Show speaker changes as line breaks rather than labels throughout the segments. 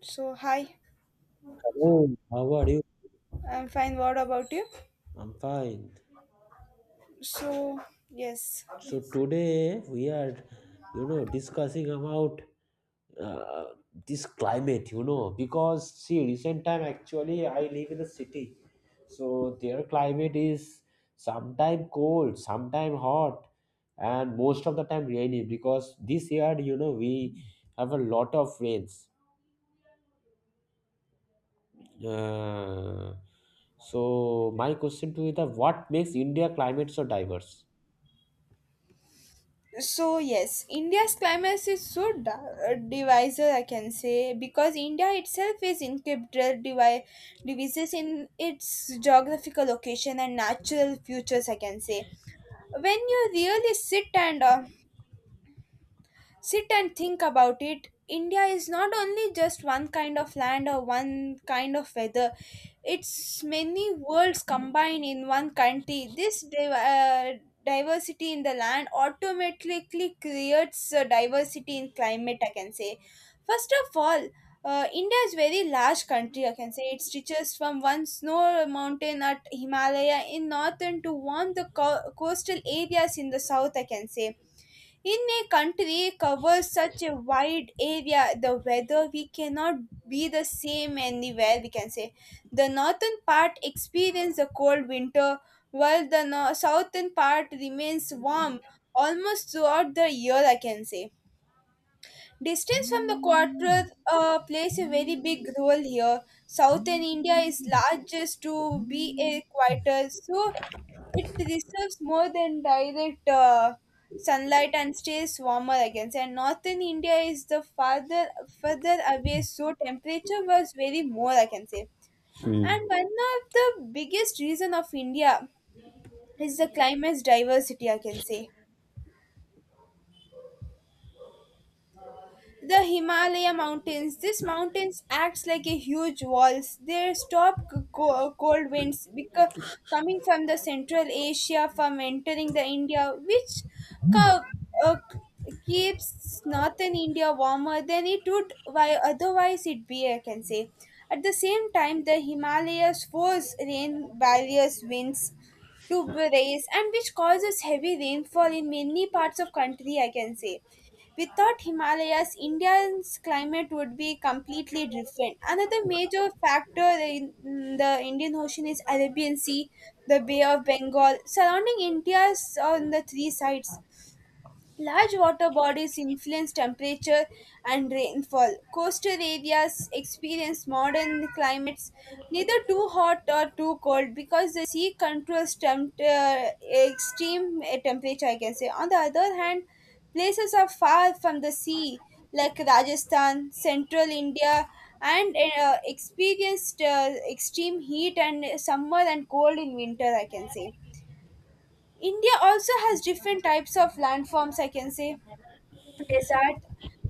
So, hi,
Hello, how are you?
I'm fine. What about you?
I'm fine.
So, yes.
So today we are, you know, discussing about uh, this climate, you know, because see, recent time actually I live in a city, so their climate is sometime cold, sometime hot, and most of the time rainy because this year, you know, we have a lot of rains. Uh, so my question to you is that what makes India climate so diverse?
So, yes, India's climate is so divisive, I can say, because India itself is incredible divi- devices in its geographical location and natural futures, I can say. When you really sit and think about it, India is not only just one kind of land or one kind of weather. It's many worlds combined in one country. This diversity in the land automatically creates a diversity in climate, I can say. First of all, India is very large country. I can say it stretches from one snow mountain at Himalaya in northern to warm the coastal areas in the south. I can say in a country covers such a wide area, the weather we cannot be the same anywhere. We can say the northern part experiences a cold winter, while the southern part remains warm almost throughout the year. I can say distance from the Quadrath plays a very big role here. Southern India is largest to be a quarter, so it receives more than direct sunlight and stays warmer against. And northern India is the farther further away, so temperature was very more, I can say.
Hmm.
And one of the biggest reason of India is the climate's diversity, I can say the Himalaya mountains, these mountains acts like a huge walls, they stop cold winds because coming from the Central Asia from entering the India, which co- uh, keeps northern India warmer than it would why otherwise it be, I can say. At the same time, the Himalayas force rain barriers winds to raise and which causes heavy rainfall in many parts of country, I can say. Without Himalayas, India's climate would be completely different. Another major factor in the Indian Ocean is Arabian Sea, the Bay of Bengal, surrounding India's on the three sides. Large water bodies influence temperature and rainfall. Coastal areas experience modern climates, neither too hot or too cold, because the sea controls extreme temperature, I can say. On the other hand, places are far from the sea, like Rajasthan, central India, and experienced extreme heat and summer and cold in winter, I can say. India also has different types of landforms, I can say desert,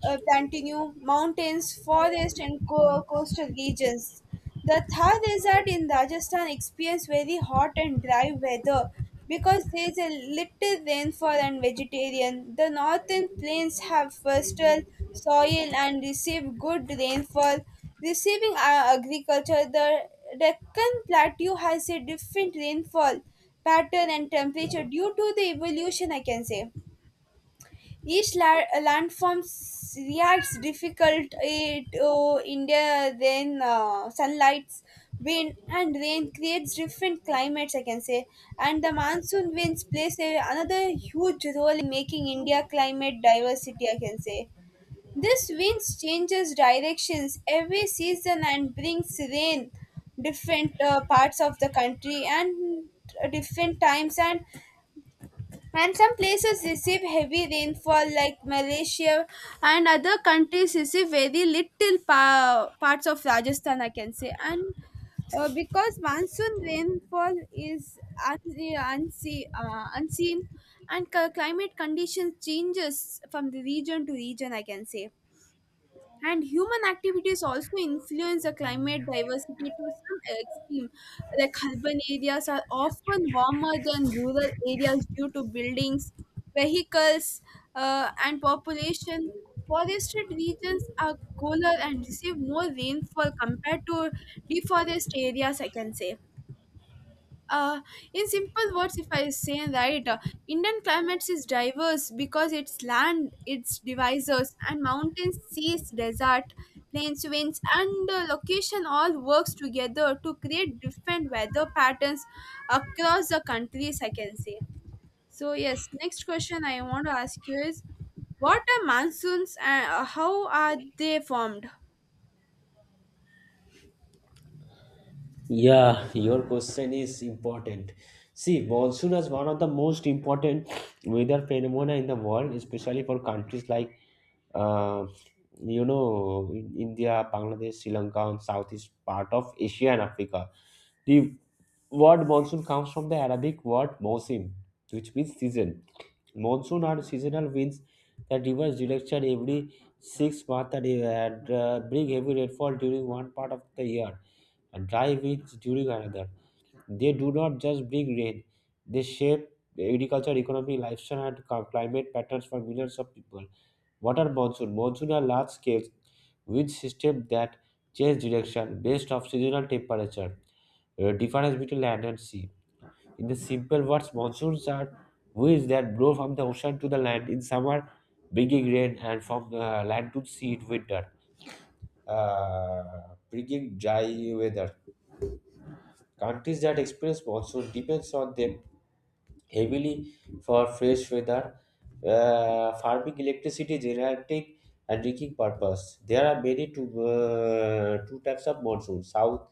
plateau mountains, forest, and coastal regions. The Thar desert in Rajasthan experience very hot and dry weather because there is a little rainfall and vegetarian. The northern plains have fertile soil and receive good rainfall, receiving agriculture. The Deccan Plateau has a different rainfall pattern and temperature due to the evolution, I can say. Each landform reacts difficult to India, then sunlights, wind, and rain creates different climates, I can say. And the monsoon winds plays a, another huge role in making India climate diversity, I can say. This winds changes directions every season and brings rain different parts of the country and different times and some places receive heavy rainfall, like Malaysia, and other countries receive very little parts of Rajasthan, I can say. And because monsoon rainfall is unseen, and climate conditions changes from the region to region, I can say. And human activities also influence the climate diversity to some extreme. Like urban areas are often warmer than rural areas due to buildings, vehicles, and population. Forested regions are cooler and receive more rainfall compared to deforested areas, I can say. Uh, in simple words, if I say right, Indian climates is diverse because its land, its divisors, and mountains, seas, desert, plains, winds, and location all works together to create different weather patterns across the countries. I can say. So yes, next question I want to ask you is, what are monsoons and how are they formed?
Yeah, your question is important. See, monsoon is one of the most important weather phenomena in the world, especially for countries like, uh, you know, India, Bangladesh, Sri Lanka, and southeast part of Asia and Africa. The word monsoon comes from the Arabic word mosim, which means season. Monsoon are seasonal winds that reverse direction every 6 months and bring heavy rainfall during one part of the year. And dry winds during another. They do not just bring rain, they shape the agriculture, economy, lifestyle, and climate patterns for millions of people. What are monsoon? Monsoon are large scale wind system that change direction based off seasonal temperature, difference between land and sea. In the simple words, monsoons are winds that blow from the ocean to the land in summer, bringing rain, and from the land to sea in winter, uh, bringing dry weather. Countries that experience monsoon depends on them heavily for fresh weather, farming electricity generating and drinking purpose. There are many two, two types of monsoon. South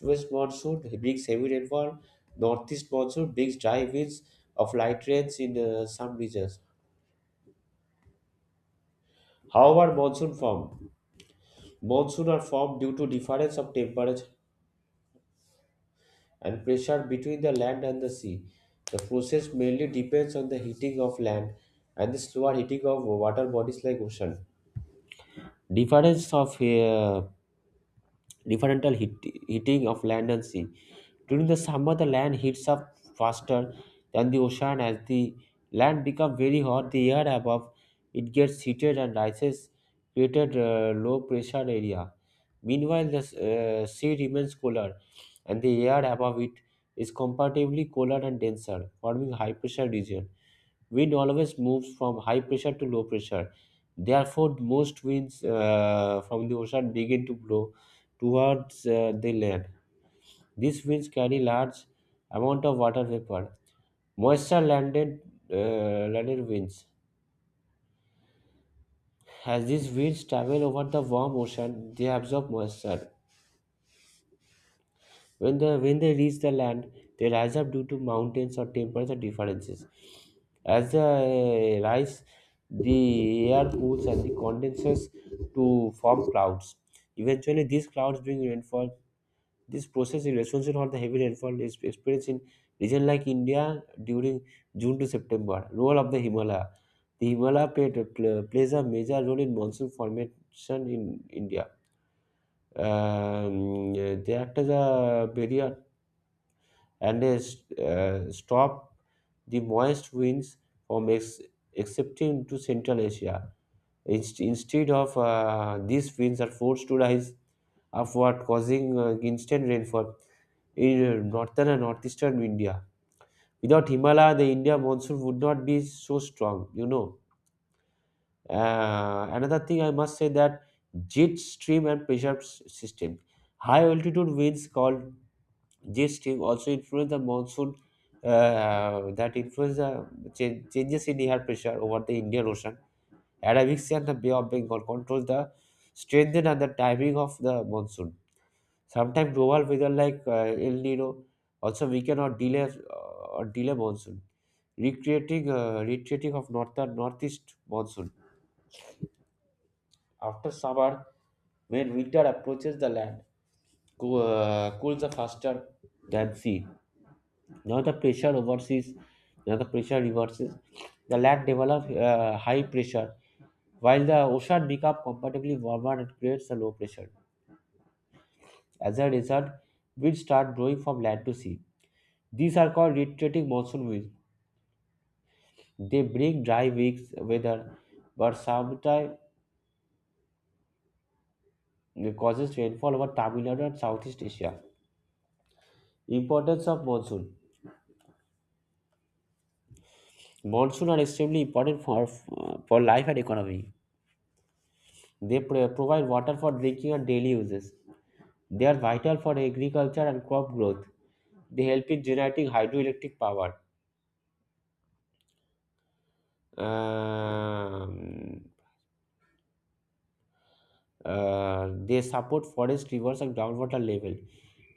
west monsoon brings heavy rainfall. Northeast monsoon brings dry winds of light rains in some regions. However, monsoon form. Monsoon are formed due to difference of temperature and pressure between the land and the sea. The process mainly depends on the heating of land and the slower heating of water bodies like ocean. Difference of differential heat, heating of land and sea. During the summer, the land heats up faster than the ocean. As the land becomes very hot, the air above it gets heated and rises, created a low pressure area. Meanwhile, the sea remains cooler, and the air above it is comparatively cooler and denser, forming high pressure region. Wind always moves from high pressure to low pressure. Therefore, most winds from the ocean begin to blow towards the land. These winds carry large amount of water vapor. Moisture landed uh, landed winds. As these winds travel over the warm ocean, they absorb moisture. When they reach the land, they rise up due to mountains or temperature differences. As they rise, the air cools and the condenses to form clouds. Eventually, these clouds bring rainfall. This process in responsible for the heavy rainfall is experienced in regions like India during June to September. Role of the Himalaya. The Himalaya plays a major role in monsoon formation in India. They act as a barrier and they stop the moist winds from excepting to Central Asia. Instead of these winds are forced to rise upward, causing instant rainfall in northern and northeastern India. Without Himalaya, the India monsoon would not be so strong, you know. Another thing I must say that jet stream and pressure system. High altitude winds called jet stream also influence the monsoon that influence the Changes in air pressure over the Indian Ocean Arabic Sea and the Bay of Bengal controls the strength and the timing of the monsoon. Sometimes global weather like El Nino also weaken or delay monsoon, recreating retreating of northern northeast monsoon. After summer, when winter approaches the land, cools are faster than sea. Now the pressure reverses. Now the pressure reverses. The land develops high pressure while the ocean becomes comparatively warmer and creates a low pressure. As a result, winds start blowing from land to sea. These are called retreating monsoon winds. They bring dry, weak weather, but sometimes causes rainfall over Tamil Nadu and Southeast Asia. Importance of monsoon. Monsoon are extremely important for life and economy. They provide water for drinking and daily uses. They are vital for agriculture and crop growth. They help in generating hydroelectric power. Um, they support forest rivers and groundwater level.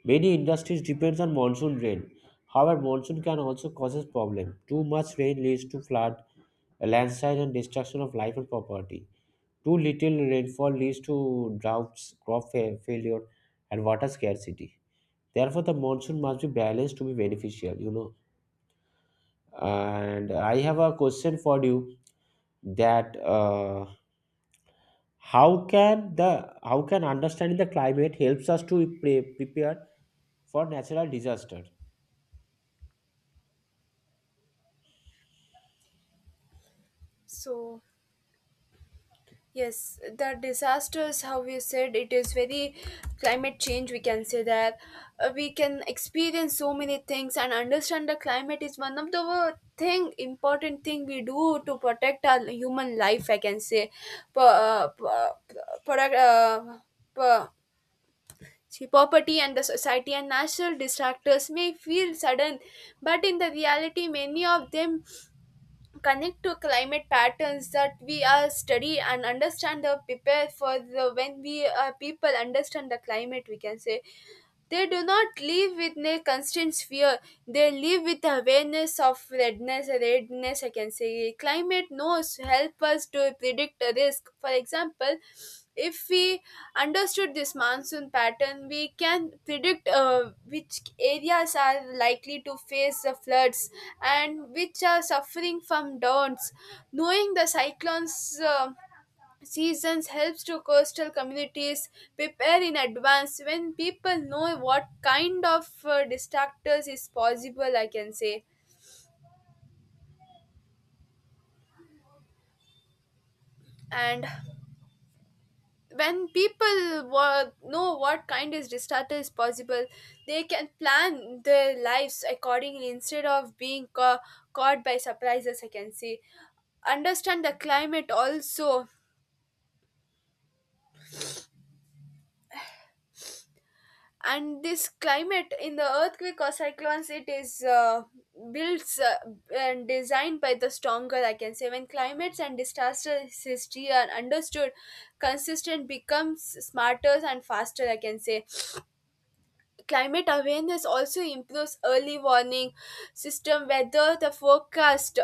Many industries depends on monsoon rain. However, monsoon can also causes problem. Too much rain leads to flood, landslide, and destruction of life and property. Too little rainfall leads to droughts, crop failure, and water scarcity. Therefore, the monsoon must be balanced to be beneficial. You know, and I have a question for you that. How can the how can understanding the climate helps us to prepare for natural disaster.
So yes, the disasters, how you said, it is very climate change. We can say that we can experience so many things and understand the climate is one of the thing important thing we do to protect our human life. I can say, P- uh, p- uh, product, uh, p- see, poverty and the society and natural disasters may feel sudden, but in the reality, many of them connect to climate patterns that we are study and understand the prepare for the when we people understand the climate, we can say they do not live with a constant fear. They live with awareness of redness, redness, I can say. Climate knows help us to predict a risk. For example, if we understood this monsoon pattern, we can predict which areas are likely to face the floods and which are suffering from droughts. Knowing the cyclones. Seasons helps to coastal communities prepare in advance when people know what kind of distractors is possible, I can say. And know what kind of disaster is possible, they can plan their lives accordingly instead of being caught by surprises, I can say. Understand the climate also and this climate in the earthquake or cyclones, it is built and designed by the stronger, I can say. When climates and disasters history are understood, consistent becomes smarter and faster, I can say. Climate awareness also improves early warning system, weather the forecast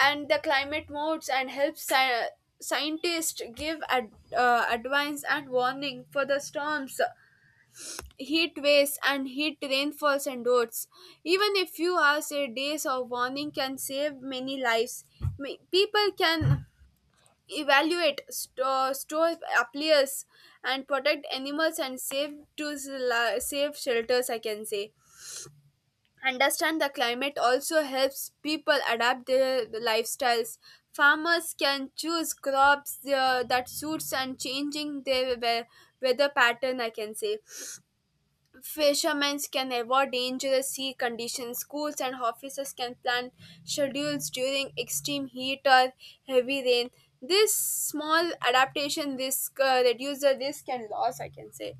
and the climate modes, and helps scientists give advice and warning for the storms, heat waves and heat rainfalls and droughts. Even a few hours a days of warning can save many lives. People can evaluate, store, store appliers, and protect animals and save to save shelters. I can say. Understand the climate also helps people adapt their lifestyles. Farmers can choose crops that suits and changing their weather pattern. I can say fishermen can avoid dangerous sea conditions. Schools and offices can plan schedules during extreme heat or heavy rain. This small adaptation, this reduces the risk and loss, I can say.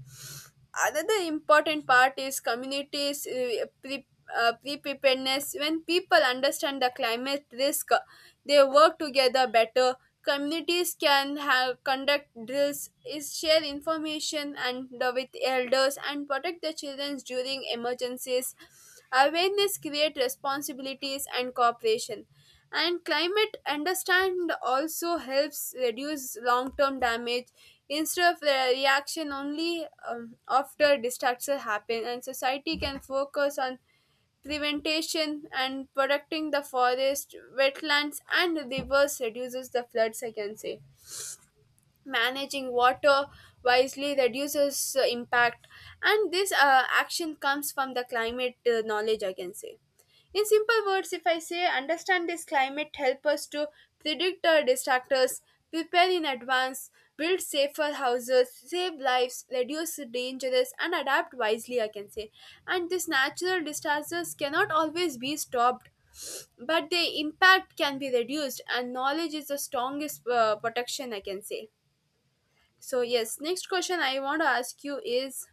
Another important part is communities preparedness. When people understand the climate risk, they work together better. Communities can have conduct drills, is share information and the- with elders and protect the children during emergencies. Awareness create responsibilities and cooperation. And climate understand also helps reduce long-term damage instead of the reaction only, after disaster happen and society can focus on prevention and protecting the forest wetlands and rivers reduces the floods, I can say. Managing water wisely reduces impact, and this action comes from the climate knowledge, I can say. In simple words, if I say, understand this climate help us to predict our disasters, prepare in advance, build safer houses, save lives, reduce dangers and adapt wisely, I can say. And these natural disasters cannot always be stopped, but their impact can be reduced and knowledge is the strongest protection, I can say. So, yes, next question I want to ask you is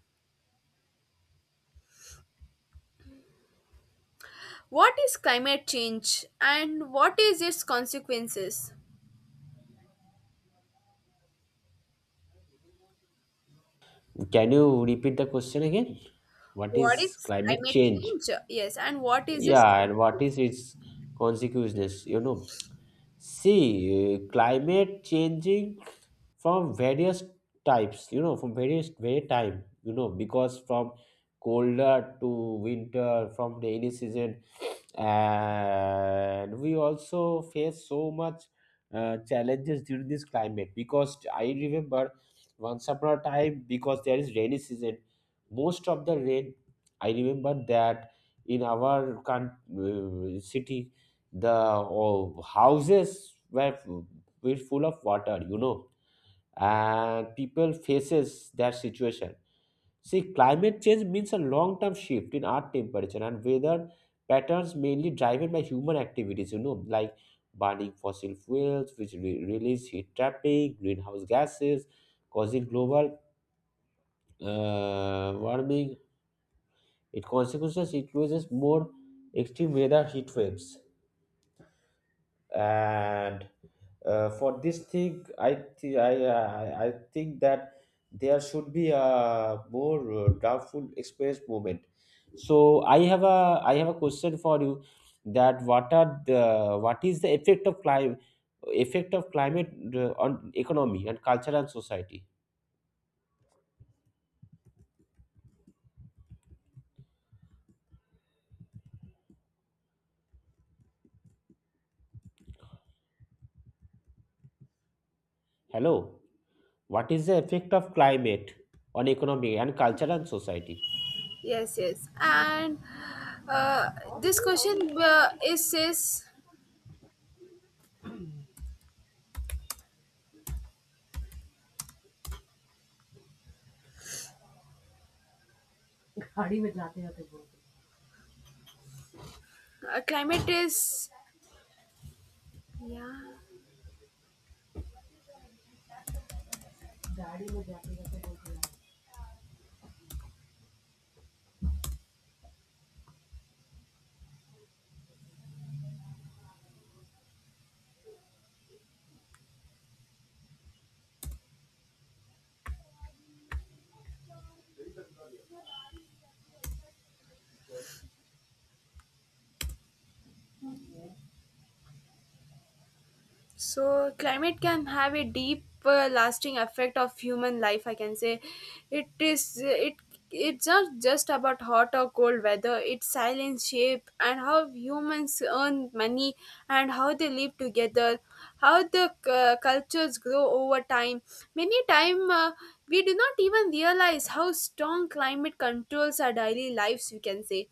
what is climate change and what is its consequences?
Can you repeat the question again? What
What
is
is
climate
climate
change?
change? Yes, and what is its
Yeah, and what
consequences?
is its consequences? You know. See, climate changing from various types, you know, from various very time, you know, because from colder to winter, from rainy season, and we also face so much challenges during this climate. Because I remember once upon a time, because there is rainy season, most of the rain. I remember that in our city the oh, houses were full of water, you know, and people faces that situation. See, climate change means a long term shift in earth temperature and weather patterns mainly driven by human activities, you know, like burning fossil fuels which release heat trapping greenhouse gases causing global warming. It consequences includes more extreme weather, heat waves, and for this thing I think that there should be a more doubtful experience moment. So I have a question for you that what is the effect of climate, effect of climate on economy and culture and society. Hello. What is the effect of climate on economy and culture and society?
Yes, yes. And uh, this question is says climate is yeah. So climate can have a deep, lasting effect of human life. I can say, it is it. It's not just about hot or cold weather. It's silence, shape, and how humans earn money and how they live together, how the cultures grow over time. Many time, we do not even realize how strong climate controls our daily lives. We can say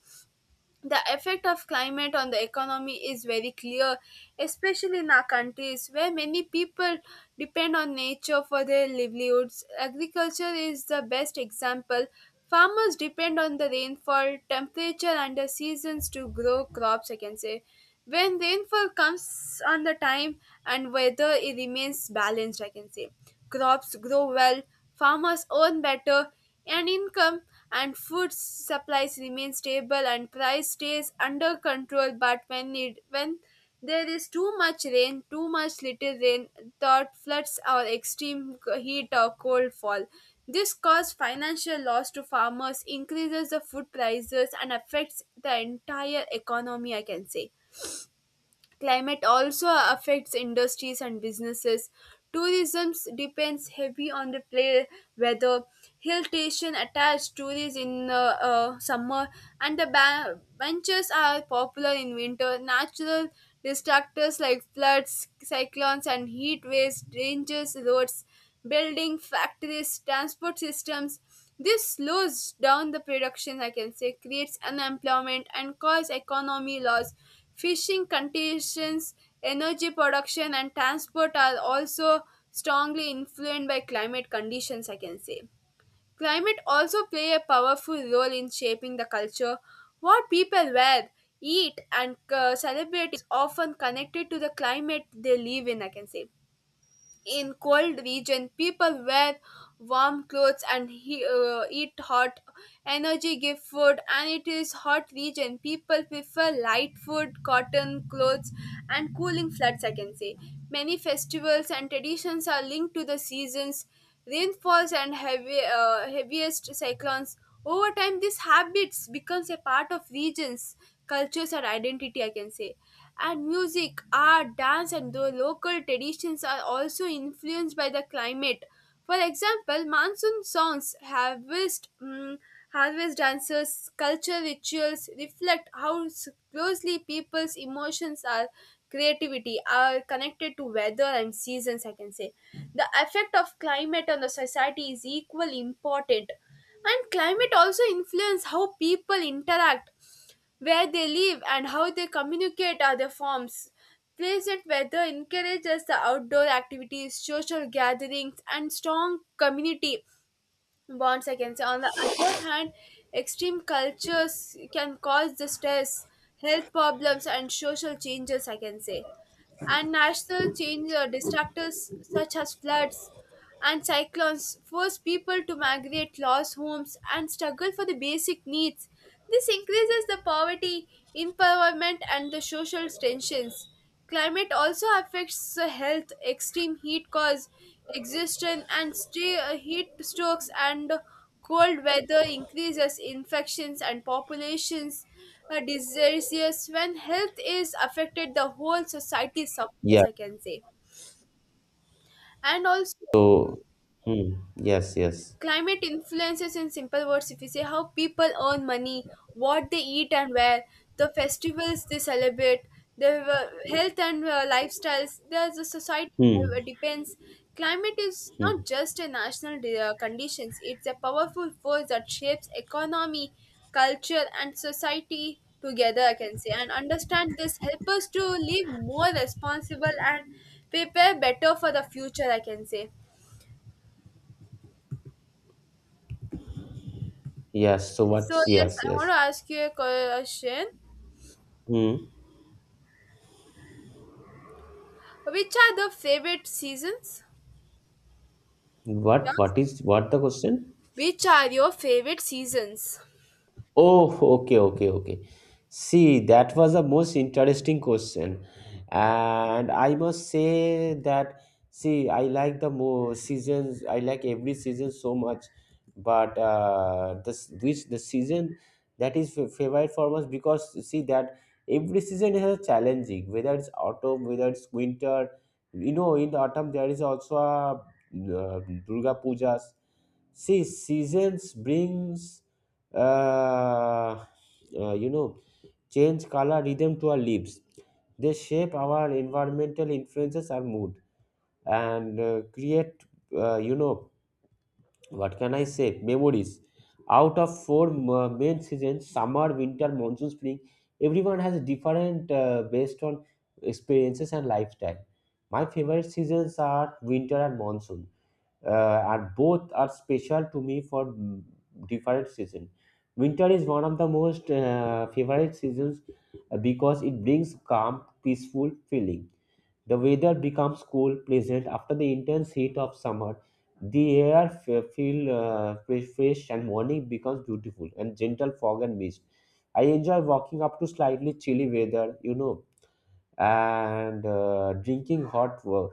the effect of climate on the economy is very clear, especially in our countries where many people depend on nature for their livelihoods. Agriculture is the best example. Farmers depend on the rainfall, temperature, and the seasons to grow crops, I can say. When rainfall comes on the time and weather it remains balanced, I can say crops grow well, farmers earn better and income and food supplies remain stable and price stays under control. But when it when there is too much rain, too much little rain, drought, floods, or extreme heat or cold fall, this causes financial loss to farmers, increases the food prices and affects the entire economy, I can say. Climate also affects industries and businesses. Tourism depends heavy on the play weather. Hill station attracts tourists in summer, and the benches are popular in winter. Natural distractors like floods, cyclones, and heat waves dangers roads, building factories, transport systems. This slows down the production, I can say, creates unemployment and cause economy loss. Fishing conditions, energy production, and transport are also strongly influenced by climate conditions, I can say. Climate also play a powerful role in shaping the culture. What people wear, eat, and celebrate is often connected to the climate they live in, I can say. In cold region, people wear warm clothes and eat hot. Energy give food, and it is hot region. People prefer light food, cotton clothes, and cooling floods. I can say many festivals and traditions are linked to the seasons, rainfalls, and heavy heaviest cyclones. Over time, these habits becomes a part of regions, cultures, or identity. I can say and music, art, dance, and the local traditions are also influenced by the climate. For example, monsoon songs, harvest dances, culture rituals reflect how closely people's emotions are creativity are connected to weather and seasons, I can say. The effect of climate on the society is equally important. And climate also influence how people interact, where they live and how they communicate are other forms. Pleasant weather encourages the outdoor activities, social gatherings, and strong community bonds, I can say. On the other hand, extreme cultures can cause the stress, health problems, and social changes, I can say. And national change disasters such as floods and cyclones force people to migrate, lose homes, and struggle for the basic needs. This increases the poverty, empowerment, and the social tensions. Climate also affects the health. Extreme heat cause exhaustion and heat strokes and cold weather increases infections and populations are diseases. When health is affected, the whole society suffers,
Yeah.
I can say. And also,
So hmm, yes, yes.
climate influences, in simple words if you say, how people earn money, what they eat and wear, the festivals they celebrate, their health and lifestyles, there's a society
Hmm.
that depends. Climate is
Hmm.
not just a national conditions, it's a powerful force that shapes economy, culture and society together, I can say. And understand this help us to live more responsible and prepare better for the future, I can say.
Yes. So
So
what's
yes,
yes,
I want
yes.
to ask you a question.
Hmm.
Which are the favorite seasons? Yes.
What is what the question?
Which are your favorite seasons?
Oh, okay, okay, okay. See, that was a most interesting question. And I must say that, see, I like the more seasons, I like every season so much. But this which the season that is favorite for us because see that every season has a challenging, whether it's autumn, whether it's winter. You know, in the autumn there is also a Durga Pujas. See, seasons brings uh, you know, change color rhythm to our lives. They shape our environmental influences, our mood, and create, you know, what can I say, memories. Out of four main seasons summer, winter, monsoon, spring, everyone has different based on experiences and lifestyle. My favorite seasons are winter and monsoon, and both are special to me for different season. Winter is one of the most favorite seasons because it brings calm peaceful feeling. The weather becomes cool pleasant after the intense heat of summer. The air feel fresh, and morning becomes beautiful and gentle fog and mist. I enjoy walking up to slightly chilly weather, you know, and drinking hot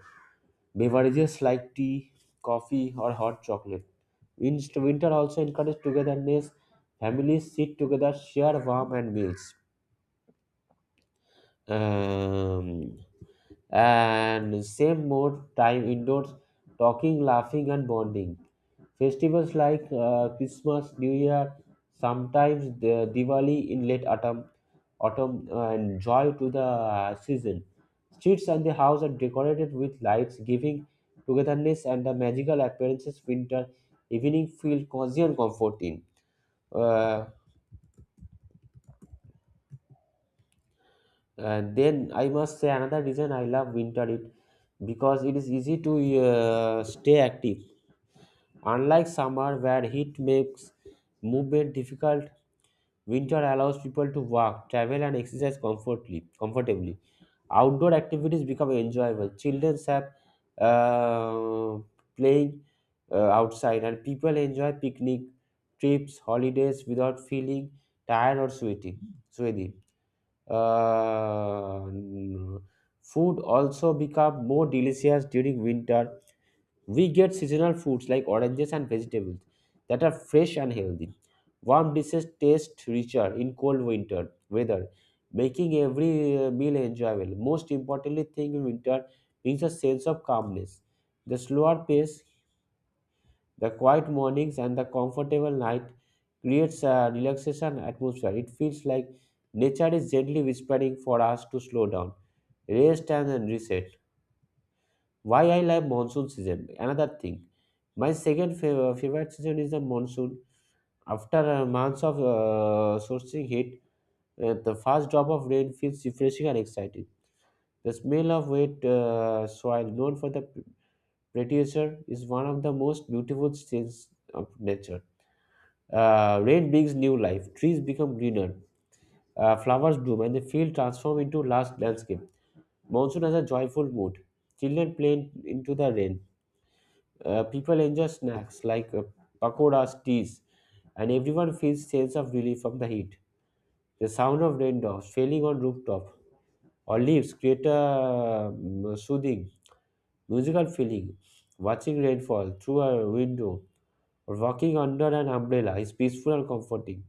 beverages like tea, coffee, or hot chocolate. Winter also encourages togetherness. Families sit together, share warm and meals. Um, and same more time indoors, talking, laughing, and bonding. Festivals like Christmas, New Year, sometimes the Diwali in late autumn and joy to the season. Streets and the house are decorated with lights, giving togetherness and the magical appearances. Winter evening feel cozy and comforting. Uh, and then I must say another reason I love winter it because it is easy to stay active. Unlike summer where heat makes movement difficult, winter allows people to walk, travel, and exercise comfortably. Comfortably, outdoor activities become enjoyable. Children have uh, playing outside, and people enjoy picnic trips, holidays without feeling tired or sweaty. Sweaty. Uh, Food also become more delicious during winter. We get seasonal foods like oranges and vegetables that are fresh and healthy. Warm dishes taste richer in cold winter weather, making every meal enjoyable. Most importantly, thing in winter brings a sense of calmness. The slower pace, the quiet mornings, and the comfortable night creates a relaxation atmosphere. It feels like nature is gently whispering for us to slow down, rest, and then reset. Why I love monsoon season. Another thing, my second favorite season is the monsoon. After months of sourcing heat, the first drop of rain feels refreshing and exciting. The smell of wet soil, known for the prettier, is one of the most beautiful scenes of nature. Rain brings new life, trees become greener, flowers bloom, and the field transforms into lush landscape. Monsoon has a joyful mood. Children play into the rain. People enjoy snacks like pakoras, teas, and everyone feels sense of relief from the heat. The sound of raindrops falling on rooftop or leaves create a soothing, musical feeling. Watching rainfall through a window or walking under an umbrella is peaceful and comforting.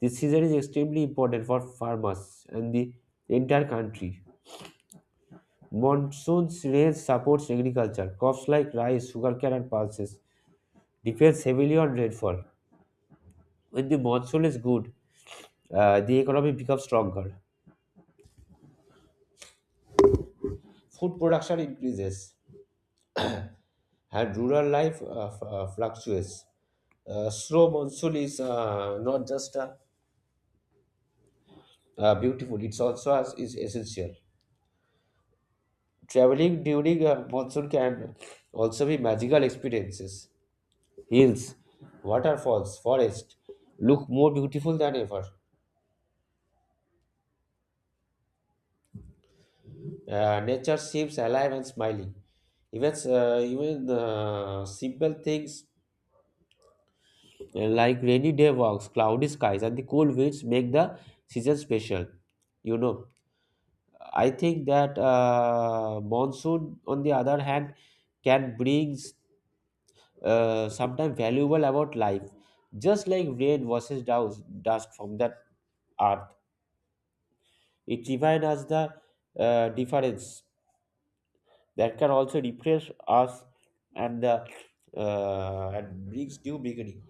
This season is extremely important for farmers and the entire country. Monsoon's rain supports agriculture. Crops like rice, sugarcane, and pulses depends heavily on rainfall. When the monsoon is good, the economy becomes stronger. Food production increases, and rural life fluctuates. Slow monsoon is not just beautiful; it's also is essential. Traveling during monsoon can also be magical experiences. Hills, waterfalls, forest look more beautiful than ever. Nature seems alive and smiling. Even simple things like rainy day walks, cloudy skies, and the cool winds make the season special. You know, I think that monsoon, on the other hand, can bring sometimes valuable about life, just like rain versus dust from the earth. It reminds us the difference that can also refresh us and the and brings new beginning.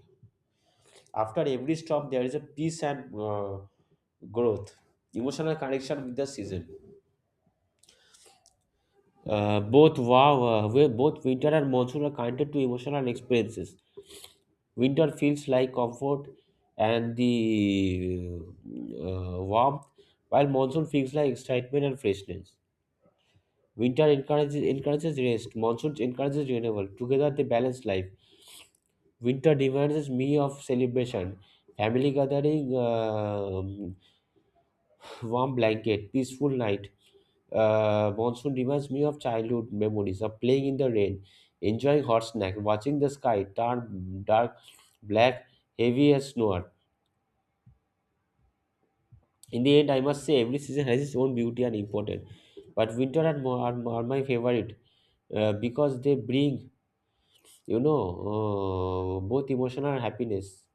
After every stop, there is a peace and growth, emotional connection with the season. Both winter and monsoon are connected to emotional experiences. Winter feels like comfort and the warmth, while monsoon feels like excitement and freshness. Winter encourages rest. Monsoon encourages renewal. Together they balance life. Winter demands me of celebration, family gathering, uh, warm blanket, peaceful night. Monsoon reminds me of childhood memories of playing in the rain, enjoying hot snack, watching the sky turn dark, black, heavy as snow. In the end, I must say every season has its own beauty and importance. But winter and are my favorite because they bring, you know, both emotional and happiness.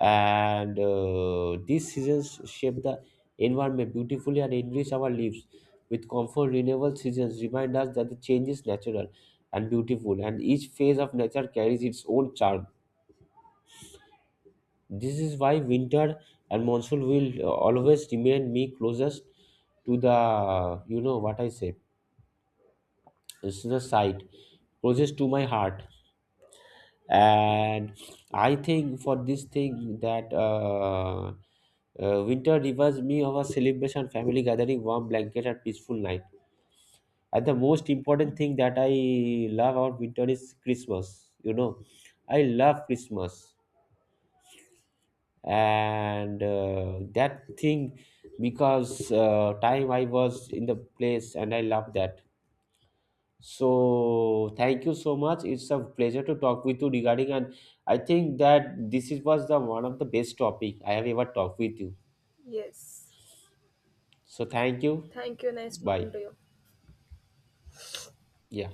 And these seasons shape the environment beautifully and enrich our lives with comfort renewable. Seasons remind us that the change is natural and beautiful, and each phase of nature carries its own charm. This is why winter and monsoon will always remain me closest to the, you know, what I say, it's the side closest to my heart. And I think for this thing that winter reminds me of a celebration, family gathering, warm blanket, and peaceful night. And the most important thing that I love about winter is Christmas, you know. I love Christmas, and that thing because time I was in the place and I love that. So thank you so much. It's a pleasure to talk with you regarding, and I think that this is was the one of the best topic I have ever talked with you.
Yes.
So thank you.
Thank you. Nice
Bye.
talking to you.
Yeah.